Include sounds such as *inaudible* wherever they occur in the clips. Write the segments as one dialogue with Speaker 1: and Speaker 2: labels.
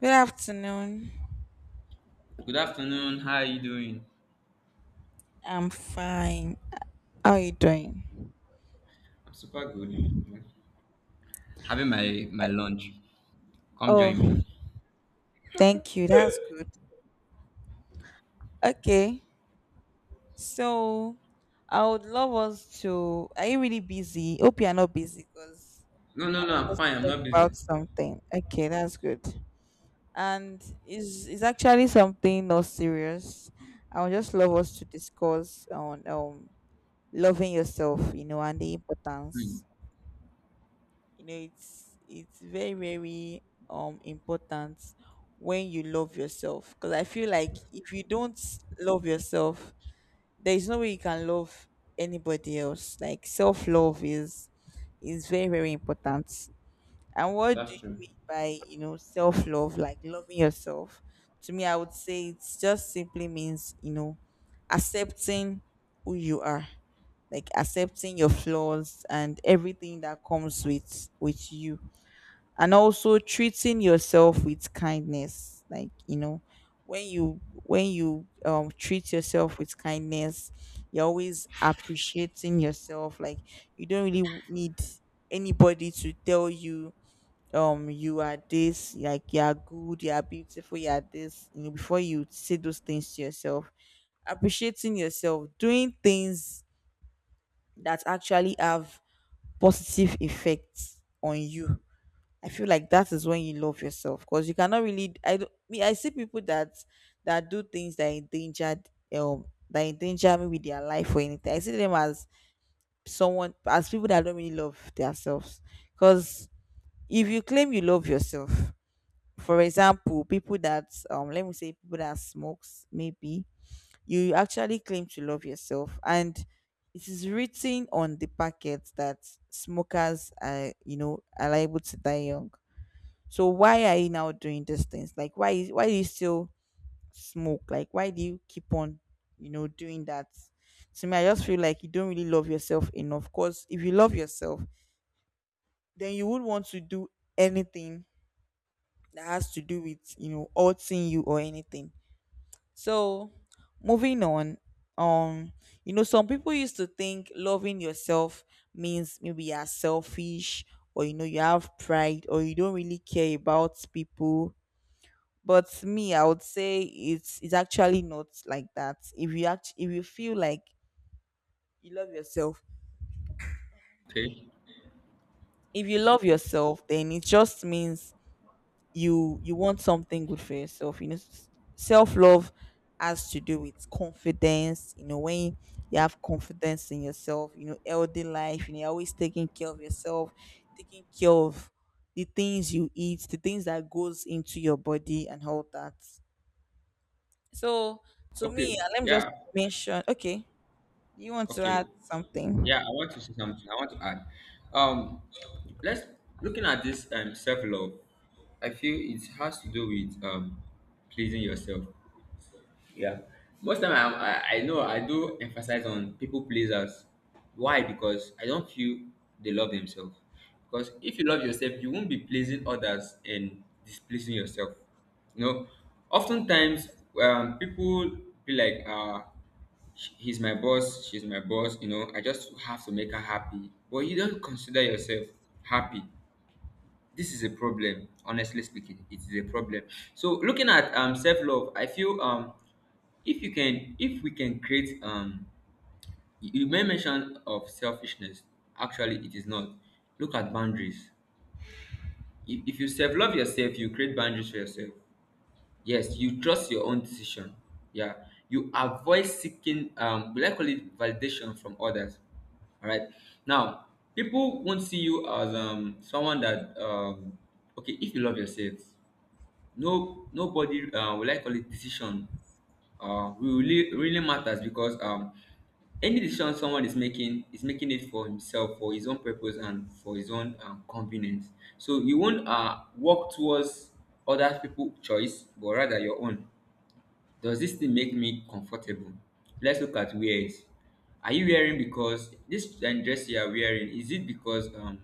Speaker 1: Good afternoon.
Speaker 2: Good afternoon. How are you doing?
Speaker 1: I'm fine. How are you doing?
Speaker 2: I'm super good. Having my lunch. Come join me.
Speaker 1: Oh, thank you. That's good. Okay. So I would love us to. Are you really busy? Hope you are not busy, because
Speaker 2: No, no, no. I'm
Speaker 1: let's
Speaker 2: fine. I'm
Speaker 1: talk
Speaker 2: not
Speaker 1: about
Speaker 2: busy.
Speaker 1: something. Okay, that's good. And is actually something not serious. I would just love us to discuss on loving yourself, you know, and the
Speaker 2: Hmm.
Speaker 1: importance. It's very very important when you love yourself, because I feel like if you don't love yourself, there is no way you can love anybody else. Like self-love is very very important. And what do
Speaker 2: That's
Speaker 1: you
Speaker 2: true.
Speaker 1: mean by self-love, like loving yourself? To me, I would say it's just simply means, accepting who you are, like accepting your flaws and everything that comes with you. And also treating yourself with kindness, like, when you treat yourself with kindness, you're always appreciating yourself. Like, you don't really need anybody to tell you you are this, like you are good, you are beautiful, you are this. Before you say those things to yourself, appreciating yourself, doing things that actually have positive effects on you. I feel like that is when you love yourself, because you cannot really. I don't. Me, I see people that do things that endanger, um maybe their life or anything. I see them as people that don't really love themselves. Because if you claim you love yourself, for example, people that let me say people that smokes, maybe you actually claim to love yourself, and it is written on the packet that smokers are liable to die young. So why are you now doing these things? Like, why do you still smoke? Like, why do you keep on doing that? To me, I just feel like you don't really love yourself enough. Cause if you love yourself, then you would want to do anything that has to do with, hurting you or anything. So moving on, um, some people used to think loving yourself means maybe you are selfish, or you have pride, or you don't really care about people. But me, I would say it's actually not like that. If you feel like you love yourself,
Speaker 2: Okay.
Speaker 1: if you love yourself, then it just means you want something good for yourself. Self love has to do with confidence. When you have confidence in yourself, healthy life. You're always taking care of yourself, taking care of the things you eat, the things that goes into your body, and all that. So to
Speaker 2: Okay.
Speaker 1: me, let me just
Speaker 2: Yeah.
Speaker 1: mention. Okay. Do you want to
Speaker 2: Okay.
Speaker 1: add something?
Speaker 2: Yeah, I want to say something. I want to add. Um, let's looking at this self love. I feel it has to do with pleasing yourself. Yeah. Most time I know I do emphasize on people pleasers. Why? Because I don't feel they love themselves. Because if you love yourself, you won't be pleasing others and displeasing yourself. You know, oftentimes people be like, He's my boss, she's my boss, you know, I just have to make her happy." But you don't consider yourself happy. This is a problem. Honestly speaking, it is a problem. So looking at self-love, I feel, if you can, if we can create, you may mention of selfishness, actually it is not. Look at boundaries. If you self-love yourself, you create boundaries for yourself. Yes, you trust your own decision. Yeah, you avoid seeking, we like call it, validation from others. All right, now people won't see you as someone that, okay, if you love yourself, no, nobody, will like call it decision. Will really really matters, because any decision someone is making it for himself, for his own purpose, and for his own convenience. So you won't work towards other people choice, but rather your own. Does this thing make me comfortable? Let's look at wears. Are you wearing because this dress you are wearing, is it because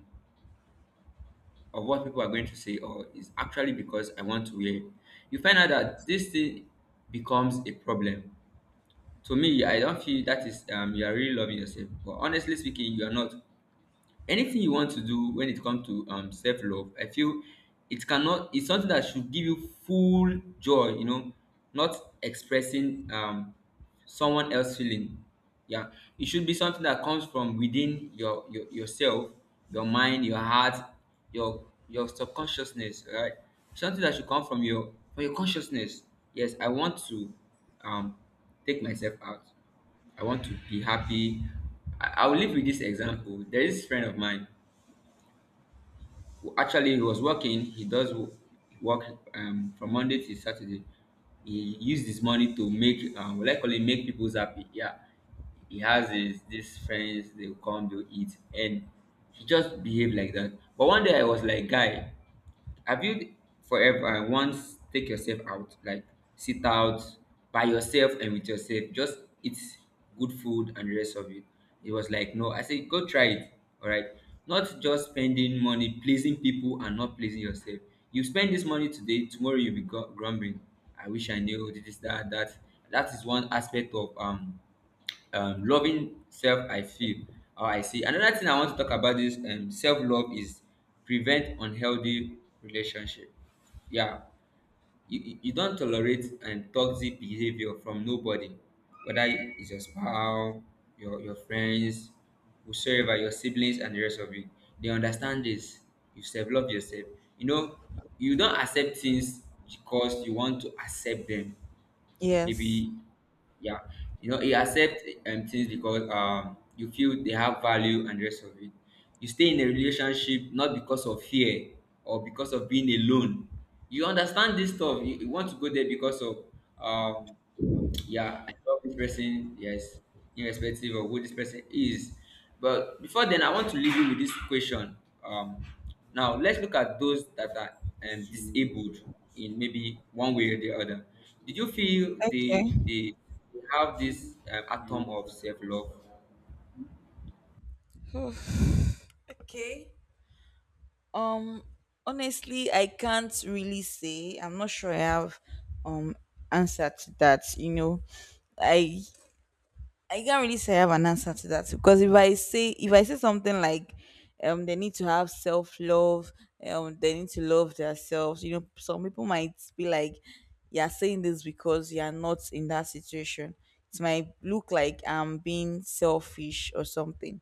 Speaker 2: of what people are going to say, or is actually because I want to wear it? You find out that this thing becomes a problem. To me, I don't feel that is, you are really loving yourself. But honestly speaking, you are not. Anything you want to do when it comes to self-love, I feel it cannot, it's something that should give you full joy, you know, not expressing someone else feeling. Yeah, it should be something that comes from within your yourself, your mind, your heart, your subconsciousness, right? Something that should come from your, from your consciousness. Yes, I want to um take myself out. I want to be happy. I will live with this example. There is this friend of mine who actually he was working. He does work from Monday to Saturday. He used his money to make, what I call it, make people happy. Yeah, he has his these friends. They will come, they will eat, and he just behave like that. But one day I was like, "Guy, have you forever once take yourself out, like sit out by yourself and with yourself, just eat good food and the rest of it?" It was like, "No." I said, "Go try it. All right. Not just spending money pleasing people and not pleasing yourself. You spend this money today, tomorrow you'll be grumbling. I wish I knew this, that, that." That is one aspect of loving self, I feel. How I see, another thing I want to talk about is, self-love is prevent unhealthy relationship. Yeah, you don't tolerate toxic behavior from nobody, whether it's your spouse, your friends, whosoever, your siblings and the rest of you. They understand this. You self-love yourself, you know, you don't accept things because you want to accept them.
Speaker 1: Yes.
Speaker 2: Maybe. Yeah. You know, you accept things because you feel they have value and the rest of it. You stay in a relationship not because of fear or because of being alone. You understand this stuff. You want to go there because of um yeah, I love this person, yes, irrespective of who this person is. But before then, I want to leave you with this question. Um, now, let's look at those that are disabled in maybe one way or the other. Did you feel
Speaker 1: Okay.
Speaker 2: they have this atom of self love?
Speaker 1: *sighs* Oof. Okay. Um Honestly, I can't really say. I'm not sure I have um answer to that. I I can't really say I have an answer to that, because if I say something like they need to have self love, they need to love themselves. Some people might be like, "You're saying this because you're not in that situation." It might look like I'm being selfish or something.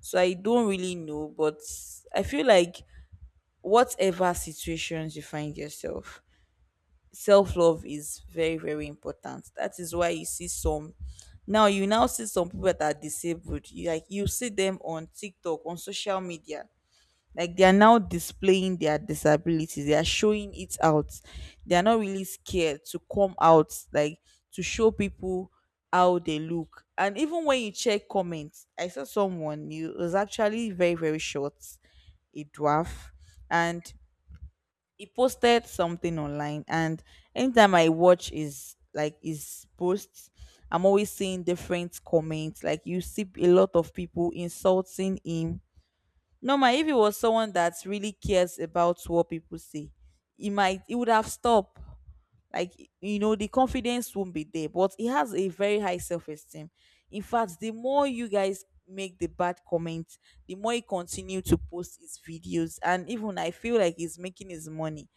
Speaker 1: So I don't really know, but I feel like whatever situations you find yourself, self love is very very important. That is why you now see some people that are disabled. You, like you see them on tiktok, on social media, like they are now displaying their disabilities, they are showing it out. They are not really scared to come out, like to show people how they look. And even when you check comments, I saw someone. He was actually very very short, a dwarf. And he posted something online, and anytime I watch his posts, I'm always seeing different comments. Like, you see a lot of people insulting him. Normal, if it was someone that really cares about what people say, he would have stopped. Like, the confidence won't be there. But he has a very high self-esteem. In fact, the more you guys make the bad comments, the more he continue to post his videos. And even I feel like he's making his money,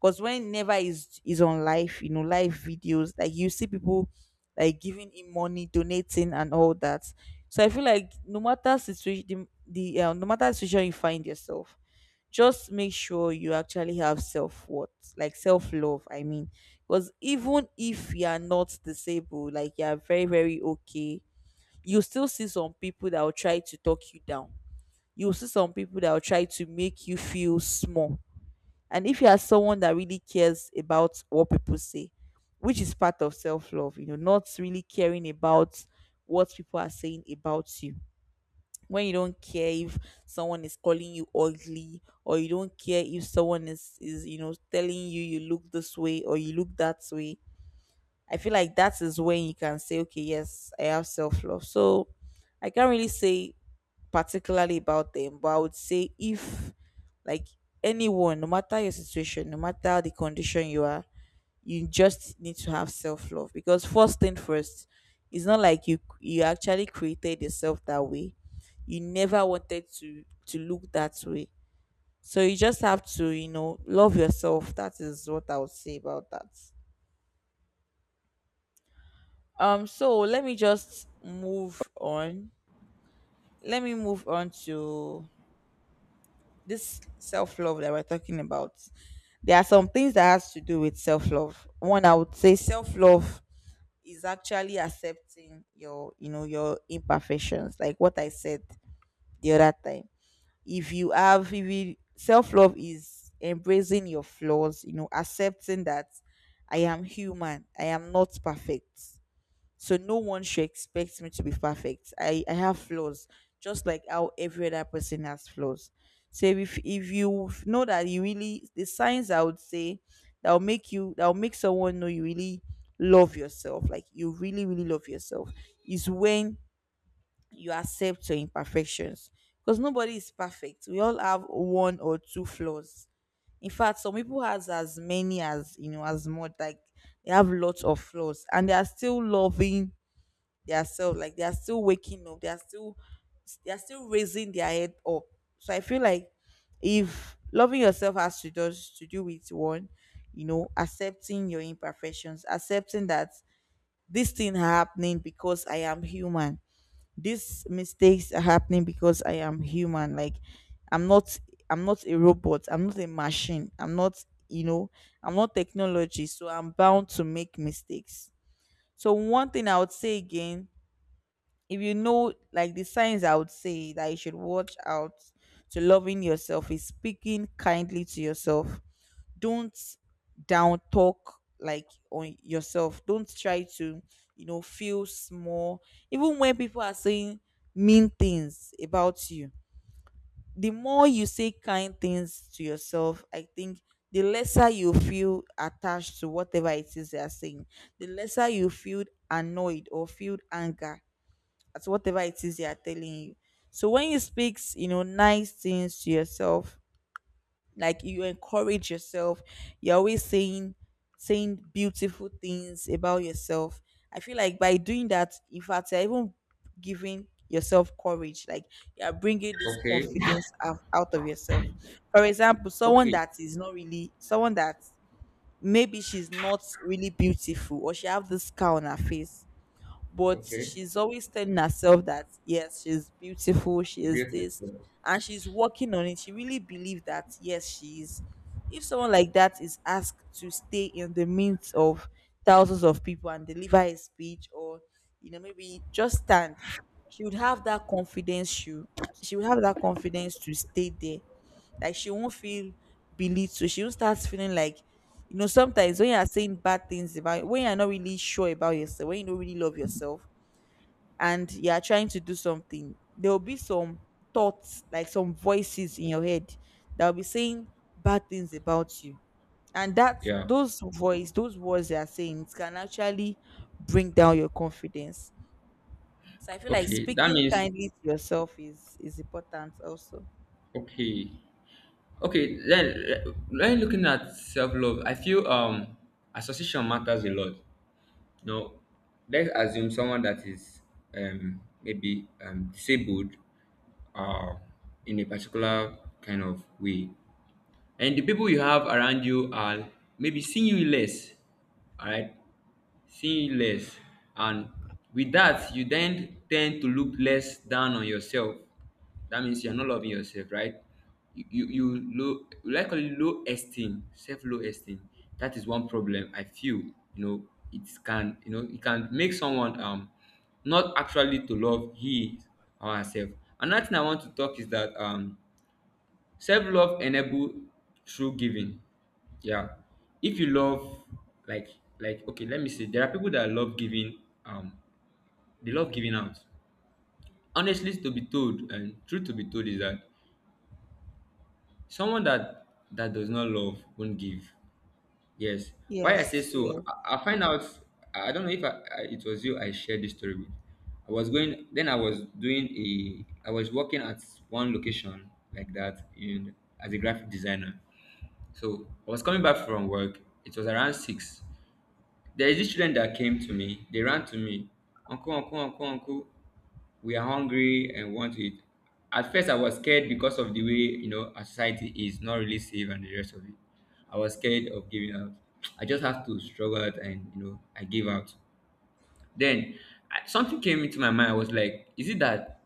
Speaker 1: because whenever is on live, live videos, like you see people, like giving him money, donating, and all that. So I feel like no matter situation, the no matter the situation you find yourself, just make sure you actually have self worth, like self love. I mean, because even if you are not disabled, like you are very very okay, you still see some people that will try to talk you down. You will see some people that will try to make you feel small. And if you are someone that really cares about what people say, which is part of self love, not really caring about what people are saying about you. When you don't care if someone is calling you ugly, or you don't care if someone is telling you you look this way or you look that way, I feel like that is when you can say, "Okay, yes, I have self love." So I can't really say particularly about them, but I would say if, like, anyone, no matter your situation, no matter the condition you are, you just need to have self love, because first thing first, it's not like you actually created yourself that way. You never wanted to look that way. So you just have to, love yourself. That is what I would say about that. So let me just move on. Let me move on to this self-love that we're talking about. There are some things that has to do with self-love. One, I would say self-love is actually accepting your, your imperfections, like what I said the other time. If you have if you, self-love is embracing your flaws, accepting that I am human, I am not perfect. So no one should expect me to be perfect. I have flaws, just like how every other person has flaws. So if you know that you really — the signs I would say that will make someone know you really love yourself, like you really, really love yourself, is when you accept your imperfections. Because nobody is perfect. We all have one or two flaws. In fact, some people has as many as, as much, like they have lots of flaws, and they are still loving themselves. Like they are still waking up, they are still raising their head up. So I feel like if loving yourself has to just to do with one, accepting your imperfections, accepting that this thing happening because I am human, these mistakes are happening because I am human. Like, i'm not I'm not a robot, I'm not a machine, I'm not technology. So I'm bound to make mistakes. So one thing I would say again, if you know, like, the signs I would say that you should watch out to loving yourself is speaking kindly to yourself. Don't down talk, like, on yourself. Don't try to, feel small even when people are saying mean things about you. The more you say kind things to yourself, I think the lesser you feel attached to whatever it is they are saying, the lesser you feel annoyed or feel anger at whatever it is they are telling you. So when you speak, nice things to yourself, like you encourage yourself, you're always saying beautiful things about yourself. I feel like by doing that, in fact, you're even giving yourself courage. Like you're bringing this
Speaker 2: Okay,
Speaker 1: confidence out of yourself. For example, someone
Speaker 2: okay,
Speaker 1: that is not really someone that maybe she's not really beautiful or she have this scar on her face, but
Speaker 2: okay.
Speaker 1: she's always telling herself that yes, she's beautiful, she is this,
Speaker 2: Beautiful.
Speaker 1: and she's working on it. She really believes that yes, she is. If someone like that is asked to stay in the midst of thousands of people and deliver a speech or, you know, maybe just stand, she would have that confidence. She would have that confidence to stay there. Like, she won't feel belittled, she won't start feeling like, you know, sometimes when you are saying bad things about, when you are not really sure about yourself, when you don't really love yourself and you are trying to do something, there will be some thoughts like some voices in your head that will be saying bad things about you. And that,
Speaker 2: Yeah,
Speaker 1: those voice, those words they are saying, it can actually bring down your confidence. So I feel like
Speaker 2: okay. That
Speaker 1: speaking
Speaker 2: means,
Speaker 1: kindly to yourself is important also.
Speaker 2: okay. Okay, then when looking at self love, I feel association matters a lot. Now, let's assume someone that is maybe disabled, uh, in a particular kind of way, and the people you have around you are maybe seeing you less. All right, seeing less, and with that you then tend to look less down on yourself. That means you're not loving yourself, right? You low, likely low esteem, self low esteem. That is one problem, I feel. You know, it can, you know, it can make someone not actually to love he or herself. Another thing I want to talk is that self love enable true giving. Yeah, if you love, like like, okay, let me see, there are people that love giving, um they love giving out. Honestly to be told, and truth to be told is that someone that does not love won't give. Yes. Why I say
Speaker 1: yes
Speaker 2: so,
Speaker 1: yes
Speaker 2: I find out, I don't know if it was you I shared this story with. I was going, then I was doing a, I was working at one location like that in, as a graphic designer. So I was coming back from work. It was around six. There is this children that came to me. They ran to me. "Uncle, uncle, uncle, uncle, we are hungry and want to eat." At first, I was scared because of the way, you know, our society is not really safe and the rest of it. I was scared of giving out. I just have to struggle out, and you know, I gave out. Then something came into my mind. I was like, is it that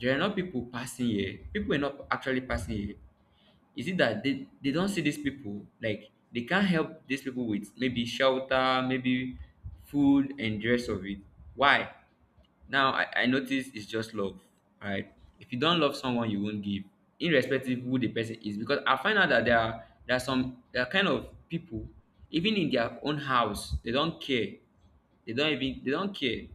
Speaker 2: there are not people passing here? People are not actually passing here. Is it that they don't see these people, like they can't help these people with maybe shelter, maybe food and the rest of it? Why? Now I notice it's just love, right? If you don't love someone, you won't give, irrespective who the person is. Because I find out that there are kind of people, even in their own house, they don't care. They don't care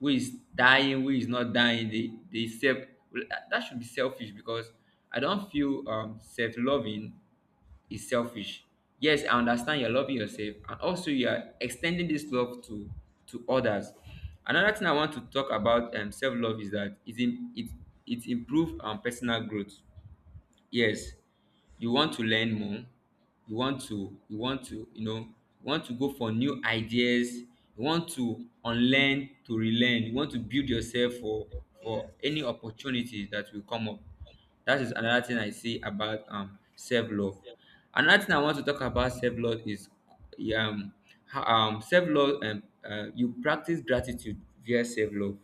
Speaker 2: who is dying, who is not dying. They self, well, that that should be selfish. Because I don't feel self loving is selfish. Yes, I understand you're loving yourself and also you are extending this love to others. Another thing I want to talk about self-love is that it im- it improve personal growth. Yes, you want to learn more. You want to you know, you want to go for new ideas. You want to unlearn, to relearn. You want to build yourself for any
Speaker 1: yes
Speaker 2: opportunities that will come up. That is another thing I see about self-love. Another thing I want to talk about self-love is, um self-love, you practice gratitude via self-love.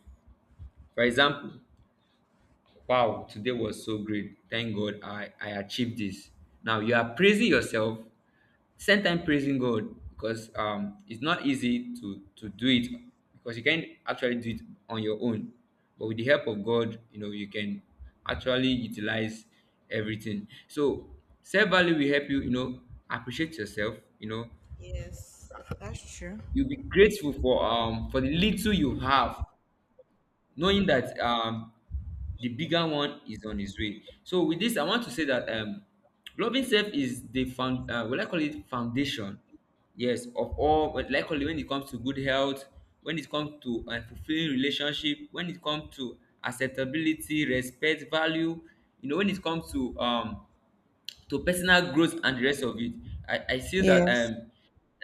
Speaker 2: For example, "Wow, today was so great. Thank God I achieved this." Now you are praising yourself, same time praising God, because it's not easy to do it. Because you can't actually do it on your own. But with the help of God, you know, you can actually utilize everything. So self-value will help you, you know, appreciate yourself, you know.
Speaker 1: yes, that's true.
Speaker 2: You'll be grateful for, for the little you have, knowing that the bigger one is on his way. So with this, I want to say that, loving self is the found, will I call it foundation? Yes, of all. But likely when it comes to good health, when it comes to fulfilling relationship, when it comes to acceptability, respect, value. You know, when it comes to personal growth and the rest of it, I feel that,
Speaker 1: Yes.
Speaker 2: um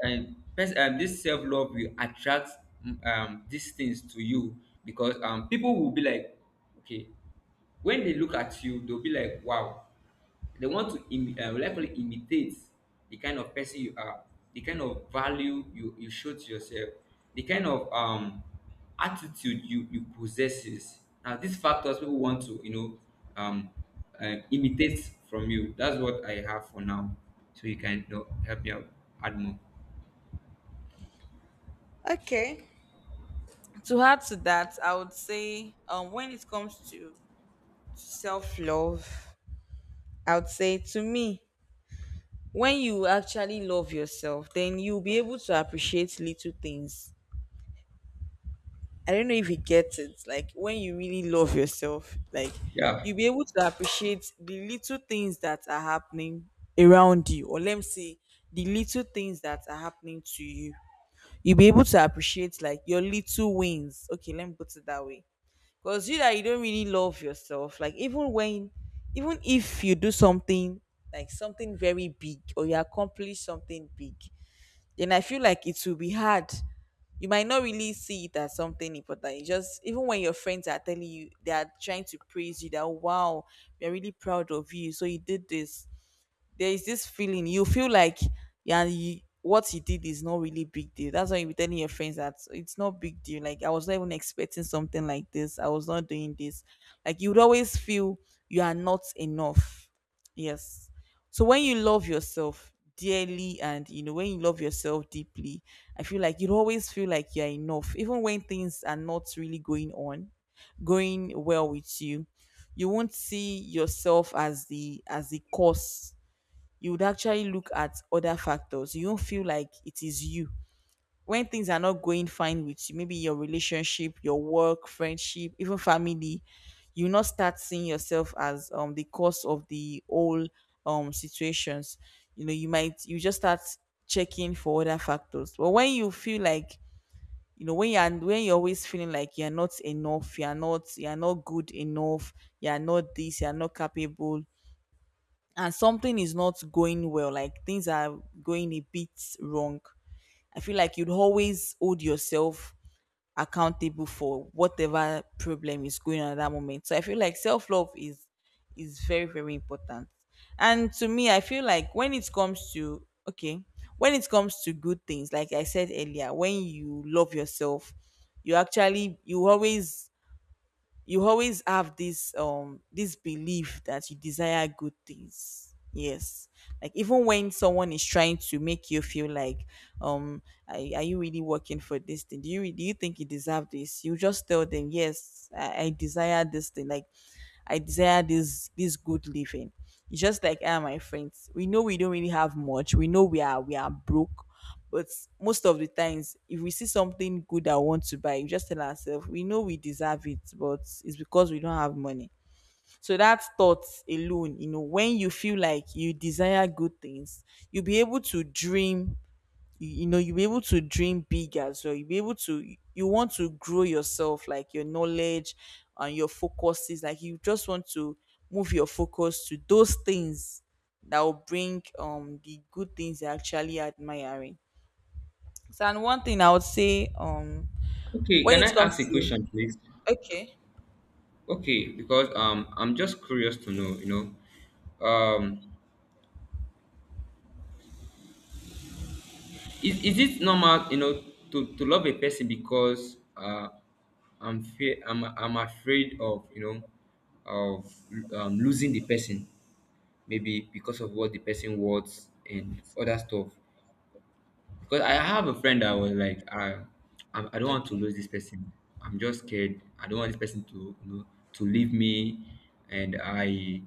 Speaker 2: um, pers- um this self-love will attract, these things to you. Because people will be like, okay, when they look at you they'll be like, wow. They want to likely imitate the kind of person you are, the kind of value you show to yourself, the kind of attitude you possesses. Now, these factors people want to, you know, um, imitate from you. That's what I have for now. So you can, you know, help me out, add more.
Speaker 1: Okay, to add to that, I would say, when it comes to self-love, I would say to me, when you actually love yourself, then you'll be able to appreciate little things. I don't know if you get it. Like when you really love yourself, like
Speaker 2: Yeah.
Speaker 1: you'll be able to appreciate the little things that are happening around you, or let me say the little things that are happening to you. You'll be able to appreciate like your little wins. Okay, let me put it that way. Because you that you don't really love yourself, like even when, even if you do something like something very big, or you accomplish something big, then I feel like it will be hard. You might not really see it as something important. It's just, even when your friends are telling you, they are trying to praise you, that wow, we are really proud of you, so you did this, there is this feeling you feel like, yeah, you, what you did is not really big deal. That's why you be telling your friends that it's not big deal, like I was not even expecting something like this, I was not doing this. Like you would always feel you are not enough. Yes. So when you love yourself dearly, and you know, when you love yourself deeply, I feel like you always feel like you're enough even when things are not really going well with you. You won't see yourself as the cause. You would actually look at other factors. You don't feel like it is you. When things are not going fine with you, maybe your relationship, your work, friendship, even family, you not start seeing yourself as the cause of the whole situations. You know, you might, you just start checking for other factors. But when you feel like, you know, when you're always feeling like you're not enough, you're not, you're not good enough, you're not this, you're not capable, and something is not going well, like things are going a bit wrong, I feel like you'd always hold yourself accountable for whatever problem is going on at that moment. So I feel like self love is very, very important. And to me, I feel like when it comes to, okay, when it comes to good things, like I said earlier, when you love yourself, you actually you always, you always have this this belief that you desire good things. Yes. Like even when someone is trying to make you feel like, um are you really working for this thing, do you, do you think you deserve this, you just tell them, yes, I desire this thing. Like I desire this, this good living. It's just like I and my friends. We know we don't really have much. We know we are broke. But most of the times, if we see something good that we want to buy, we just tell ourselves, we know we deserve it, but it's because we don't have money. So that thought alone, you know, when you feel like you desire good things, you'll be able to dream. You know, you'll be able to dream big as well. You'll be able to, you want to grow yourself, like your knowledge and your focuses, like you just want to move your focus to those things that will bring the good things you're actually admiring. So, and one thing I would say,
Speaker 2: Okay.
Speaker 1: when
Speaker 2: Can
Speaker 1: it
Speaker 2: I ask
Speaker 1: comes
Speaker 2: a
Speaker 1: to,
Speaker 2: question, please?
Speaker 1: okay.
Speaker 2: Okay, because I'm just curious to know, you know, is it normal, you know, to love a person because, I'm fear I'm afraid of, you know, of losing the person, maybe because of what the person wants and other stuff. Because I have a friend that was like, I don't want to
Speaker 1: Okay,
Speaker 2: lose this person. I'm just scared. I don't want this person to to leave me, and I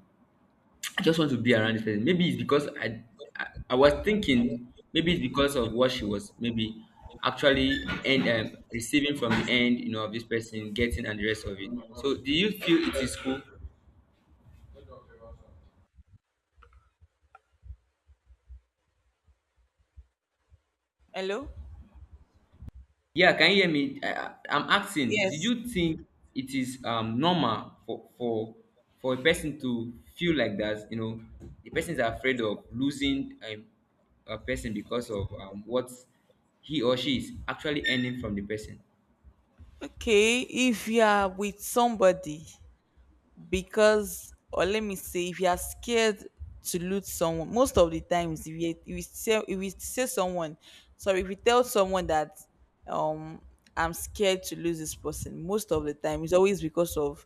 Speaker 2: I just want to be around this person. Maybe it's because I was thinking maybe it's because of what she was maybe actually and receiving from the end, of this person getting and the rest of it. So, do you
Speaker 1: okay.
Speaker 2: feel it is cool?
Speaker 1: Hello.
Speaker 2: Yeah, can you hear me? I'm asking. Did
Speaker 1: Yes.
Speaker 2: you think it is normal for for a person to feel like that? You know, the person is afraid of losing a person because of what he or she is actually earning from the person.
Speaker 1: Okay, if you are with somebody because, or let me say if you are scared to lose someone, most of the times, if you, if you say someone sorry if you tell someone that, um I'm scared to lose this person, most of the time it's always because of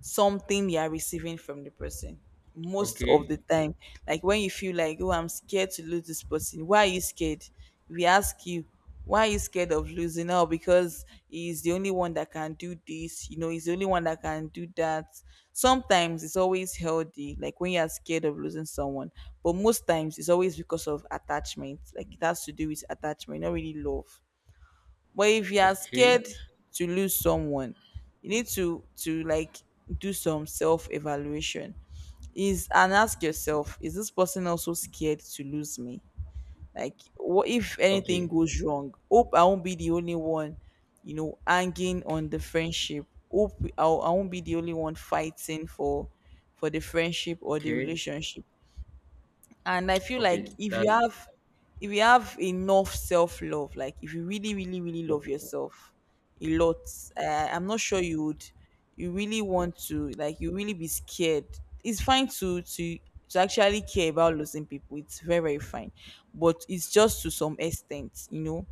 Speaker 1: something you are receiving from the person. Most of the
Speaker 2: Okay.
Speaker 1: time. Like when you feel like, oh, I'm scared to lose this person, why are you scared? If we ask you, why are you scared of losing out? Because he's the only one that can do this, you know, he's the only one that can do that. Sometimes it's always healthy, like when you're scared of losing someone, but most times it's always because of attachment. Like it has to do with attachment, not really love. But if you are
Speaker 2: Okay,
Speaker 1: scared to lose someone, you need to, like do some self evaluation. Is and ask yourself, is this person also scared to lose me? Like, what if anything
Speaker 2: okay,
Speaker 1: goes wrong? Hope I won't be the only one, you know, hanging on the friendship. Hope I won't be the only one fighting for the friendship or the
Speaker 2: okay,
Speaker 1: relationship. And I feel like
Speaker 2: okay.
Speaker 1: if you
Speaker 2: That
Speaker 1: have, if you have enough self-love, like if you really, really, really love yourself a lot, I'm not sure you would, you really want to, like, you really be scared. It's fine to actually care about losing people. It's very, very fine. But it's just to some extent, you know,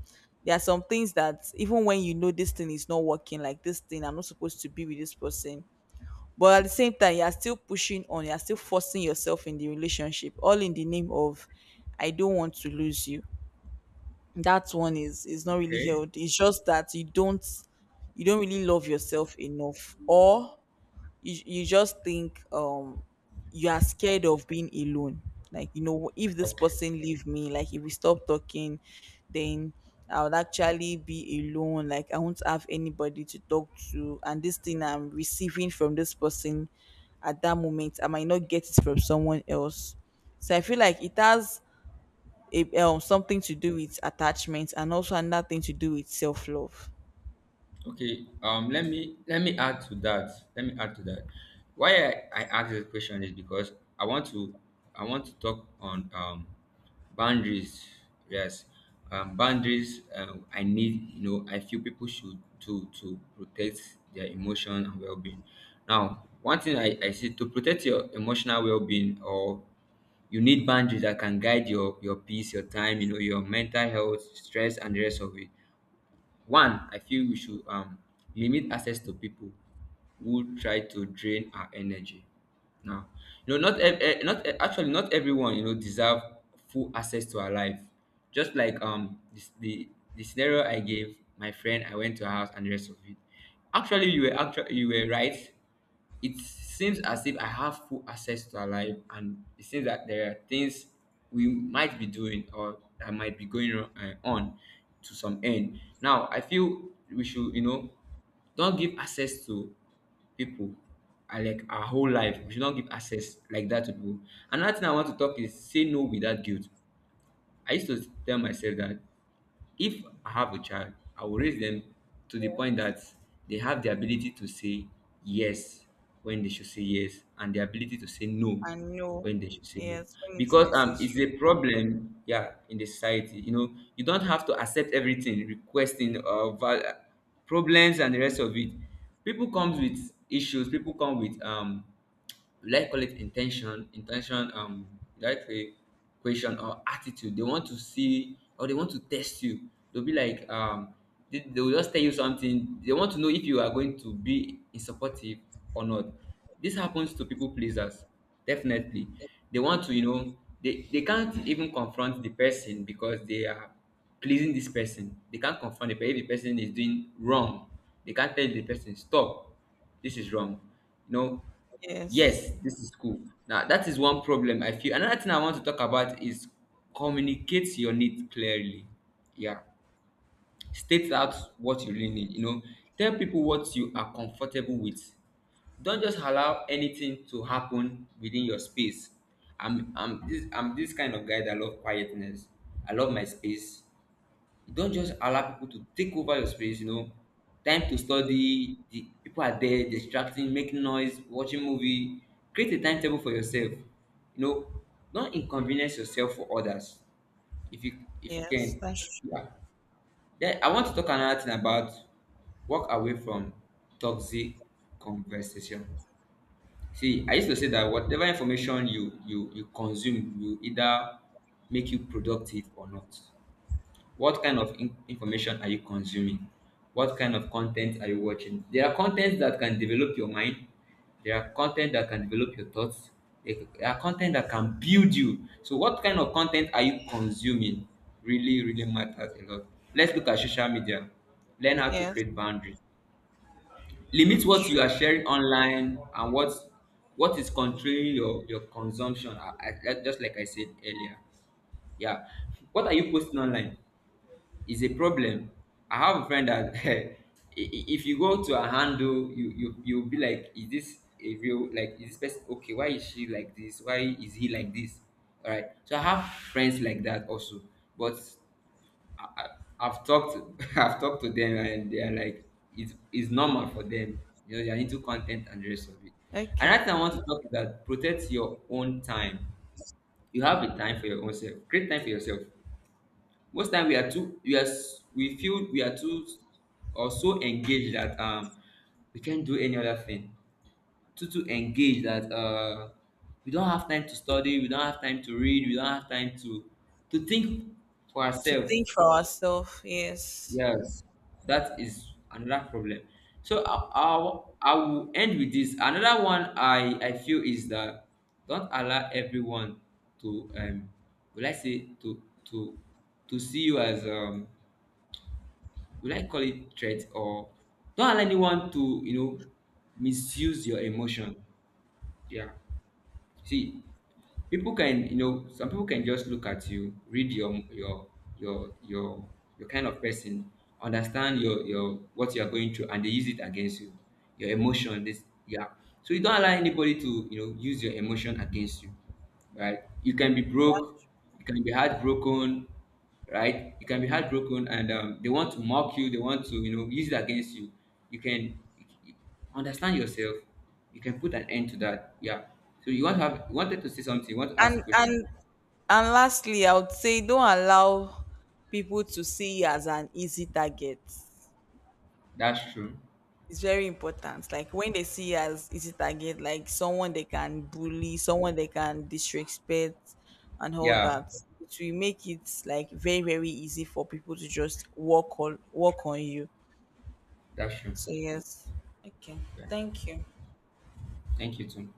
Speaker 1: there are some things that even when you know this thing is not working, like this thing I'm not supposed to be with this person, but at the same time, you're still pushing on, you're still forcing yourself in the relationship, all in the name of I don't want to lose you. That one is not really
Speaker 2: okay,
Speaker 1: healthy. It's just that you don't really love yourself enough. Or you just think, you are scared of being alone. Like, you know, if this
Speaker 2: okay.
Speaker 1: person leave me, like if we stop talking, then I would actually be alone, like I won't have anybody to talk to, and this thing I'm receiving from this person at that moment, I might not get it from someone else. So I feel like it has a, something to do with attachment, and also another thing to do with self-love.
Speaker 2: Okay, let me add to that. Let me add to that. Why I ask this question is because I want to I want to talk on boundaries. Yes, boundaries. I need I feel people should do to protect their emotion and well being. Now, one thing I see to protect your emotional well being or you need boundaries that can guide your peace, your time, you know, your mental health, stress, and the rest of it. One, I feel we should limit access to people who try to drain our energy. Now, you know, not ev- eh, not eh, actually not everyone you know deserve full access to our life. Just like this, the scenario I gave my friend, I went to her house and the rest of it. Actually, you were right, it seems as if I have full access to her life, and it seems that there are things we might be doing or that might be on to some end. Now, I feel we should, you know, don't give access to people like our whole life. We should not give access like that to people. Another thing I want to talk is say no without guilt. I used to tell myself that if I have a child, I will raise them to the point that they have the ability to say yes when they should say yes and the ability to say no
Speaker 1: And no.
Speaker 2: when they should say no.
Speaker 1: Yes, when it's
Speaker 2: Because it's
Speaker 1: necessary.
Speaker 2: a problem, yeah, in the society. You know, you don't have to accept everything, requesting problems and the rest of it. People comes with issues, people come with we like call it intention we like a question or attitude they want to see or they want to test you. They'll be like they will just tell you something, they want to know if you are going to be supportive or not. This happens to people pleasers definitely. They want to, you know, they can't even confront the person because they are pleasing this person, they can't confront the person if the person is doing wrong, they can't tell the person stop, this is wrong, you know.
Speaker 1: Yes.
Speaker 2: Yes, this is cool. Now, that is one problem I feel. Another thing I want to talk about is communicate your needs clearly. Yeah. State out what you really need. You know, tell people what you are comfortable with. Don't just allow anything to happen within your space. I'm this kind of guy that love quietness. I love my space. Don't just allow people to take over your space, you know. Time to study, the people are there distracting, making noise, watching movie. Create a timetable for yourself. You know, don't inconvenience yourself for others. If you
Speaker 1: Yes,
Speaker 2: can.
Speaker 1: that's true.
Speaker 2: Yeah. Then I want to talk another thing about walk away from toxic conversation. See, I used to say that whatever information you consume will either make you productive or not. What kind of information are you consuming, what kind of content are you watching? There are contents that can develop your mind, there are content that can develop your thoughts, there are content that can build you, so what kind of content are you consuming really really matters a lot. Let's look at social media, learn how to
Speaker 1: Yes,
Speaker 2: create boundaries, limit what you
Speaker 1: sure.
Speaker 2: are sharing online and what is controlling your consumption. Just like I said earlier, yeah, what are you posting online is a problem. I have a friend that *laughs* if you go to a handle, you you'll be like, is this a real, like is this person okay? Why is she like this? Why is he like this? All right. So I have friends like that also, but I, I, I've talked *laughs* I've talked to them and they are like it's normal for them. You know they are into content and the rest of it.
Speaker 1: Okay.
Speaker 2: Another thing I want to talk is that protect your own time. You have a time for your own self. Create time for yourself. Most time we are too, we feel we are too or so engaged that we can't do any other thing, too engaged that we don't have time to study, we don't have time to read, we don't have time to think for
Speaker 1: To
Speaker 2: ourselves.
Speaker 1: think for ourselves, yes.
Speaker 2: Yes, that is another problem. So I will end with this. Another one I feel is that don't allow everyone to will I say to see you as will I call it threat, or don't allow anyone to, you know, misuse your emotion. Yeah. See, people can, you know, some people can just look at you, read your your your kind of person, understand your what you are going through, and they use it against you. Your emotion, this, yeah. So you don't allow anybody to, you know, use your emotion against you, right? You can be broke, you can be heartbroken, right? You can be heartbroken, and they want to mock you. They want to, you know, use it against you. You can you- understand yourself. You can put an end to that. Yeah. So you want to have, you wanted to say something. You want to ask a
Speaker 1: And
Speaker 2: question.
Speaker 1: and and lastly, I would say don't allow people to see you as an easy target.
Speaker 2: That's true.
Speaker 1: It's very important. Like when they see you as easy target, like someone they can bully, someone they can disrespect and all that,
Speaker 2: Yeah,
Speaker 1: it will make it like very, very easy for people to just walk on you.
Speaker 2: that's true.
Speaker 1: So yes. Okay.
Speaker 2: Yeah.
Speaker 1: Thank you.
Speaker 2: Thank you too.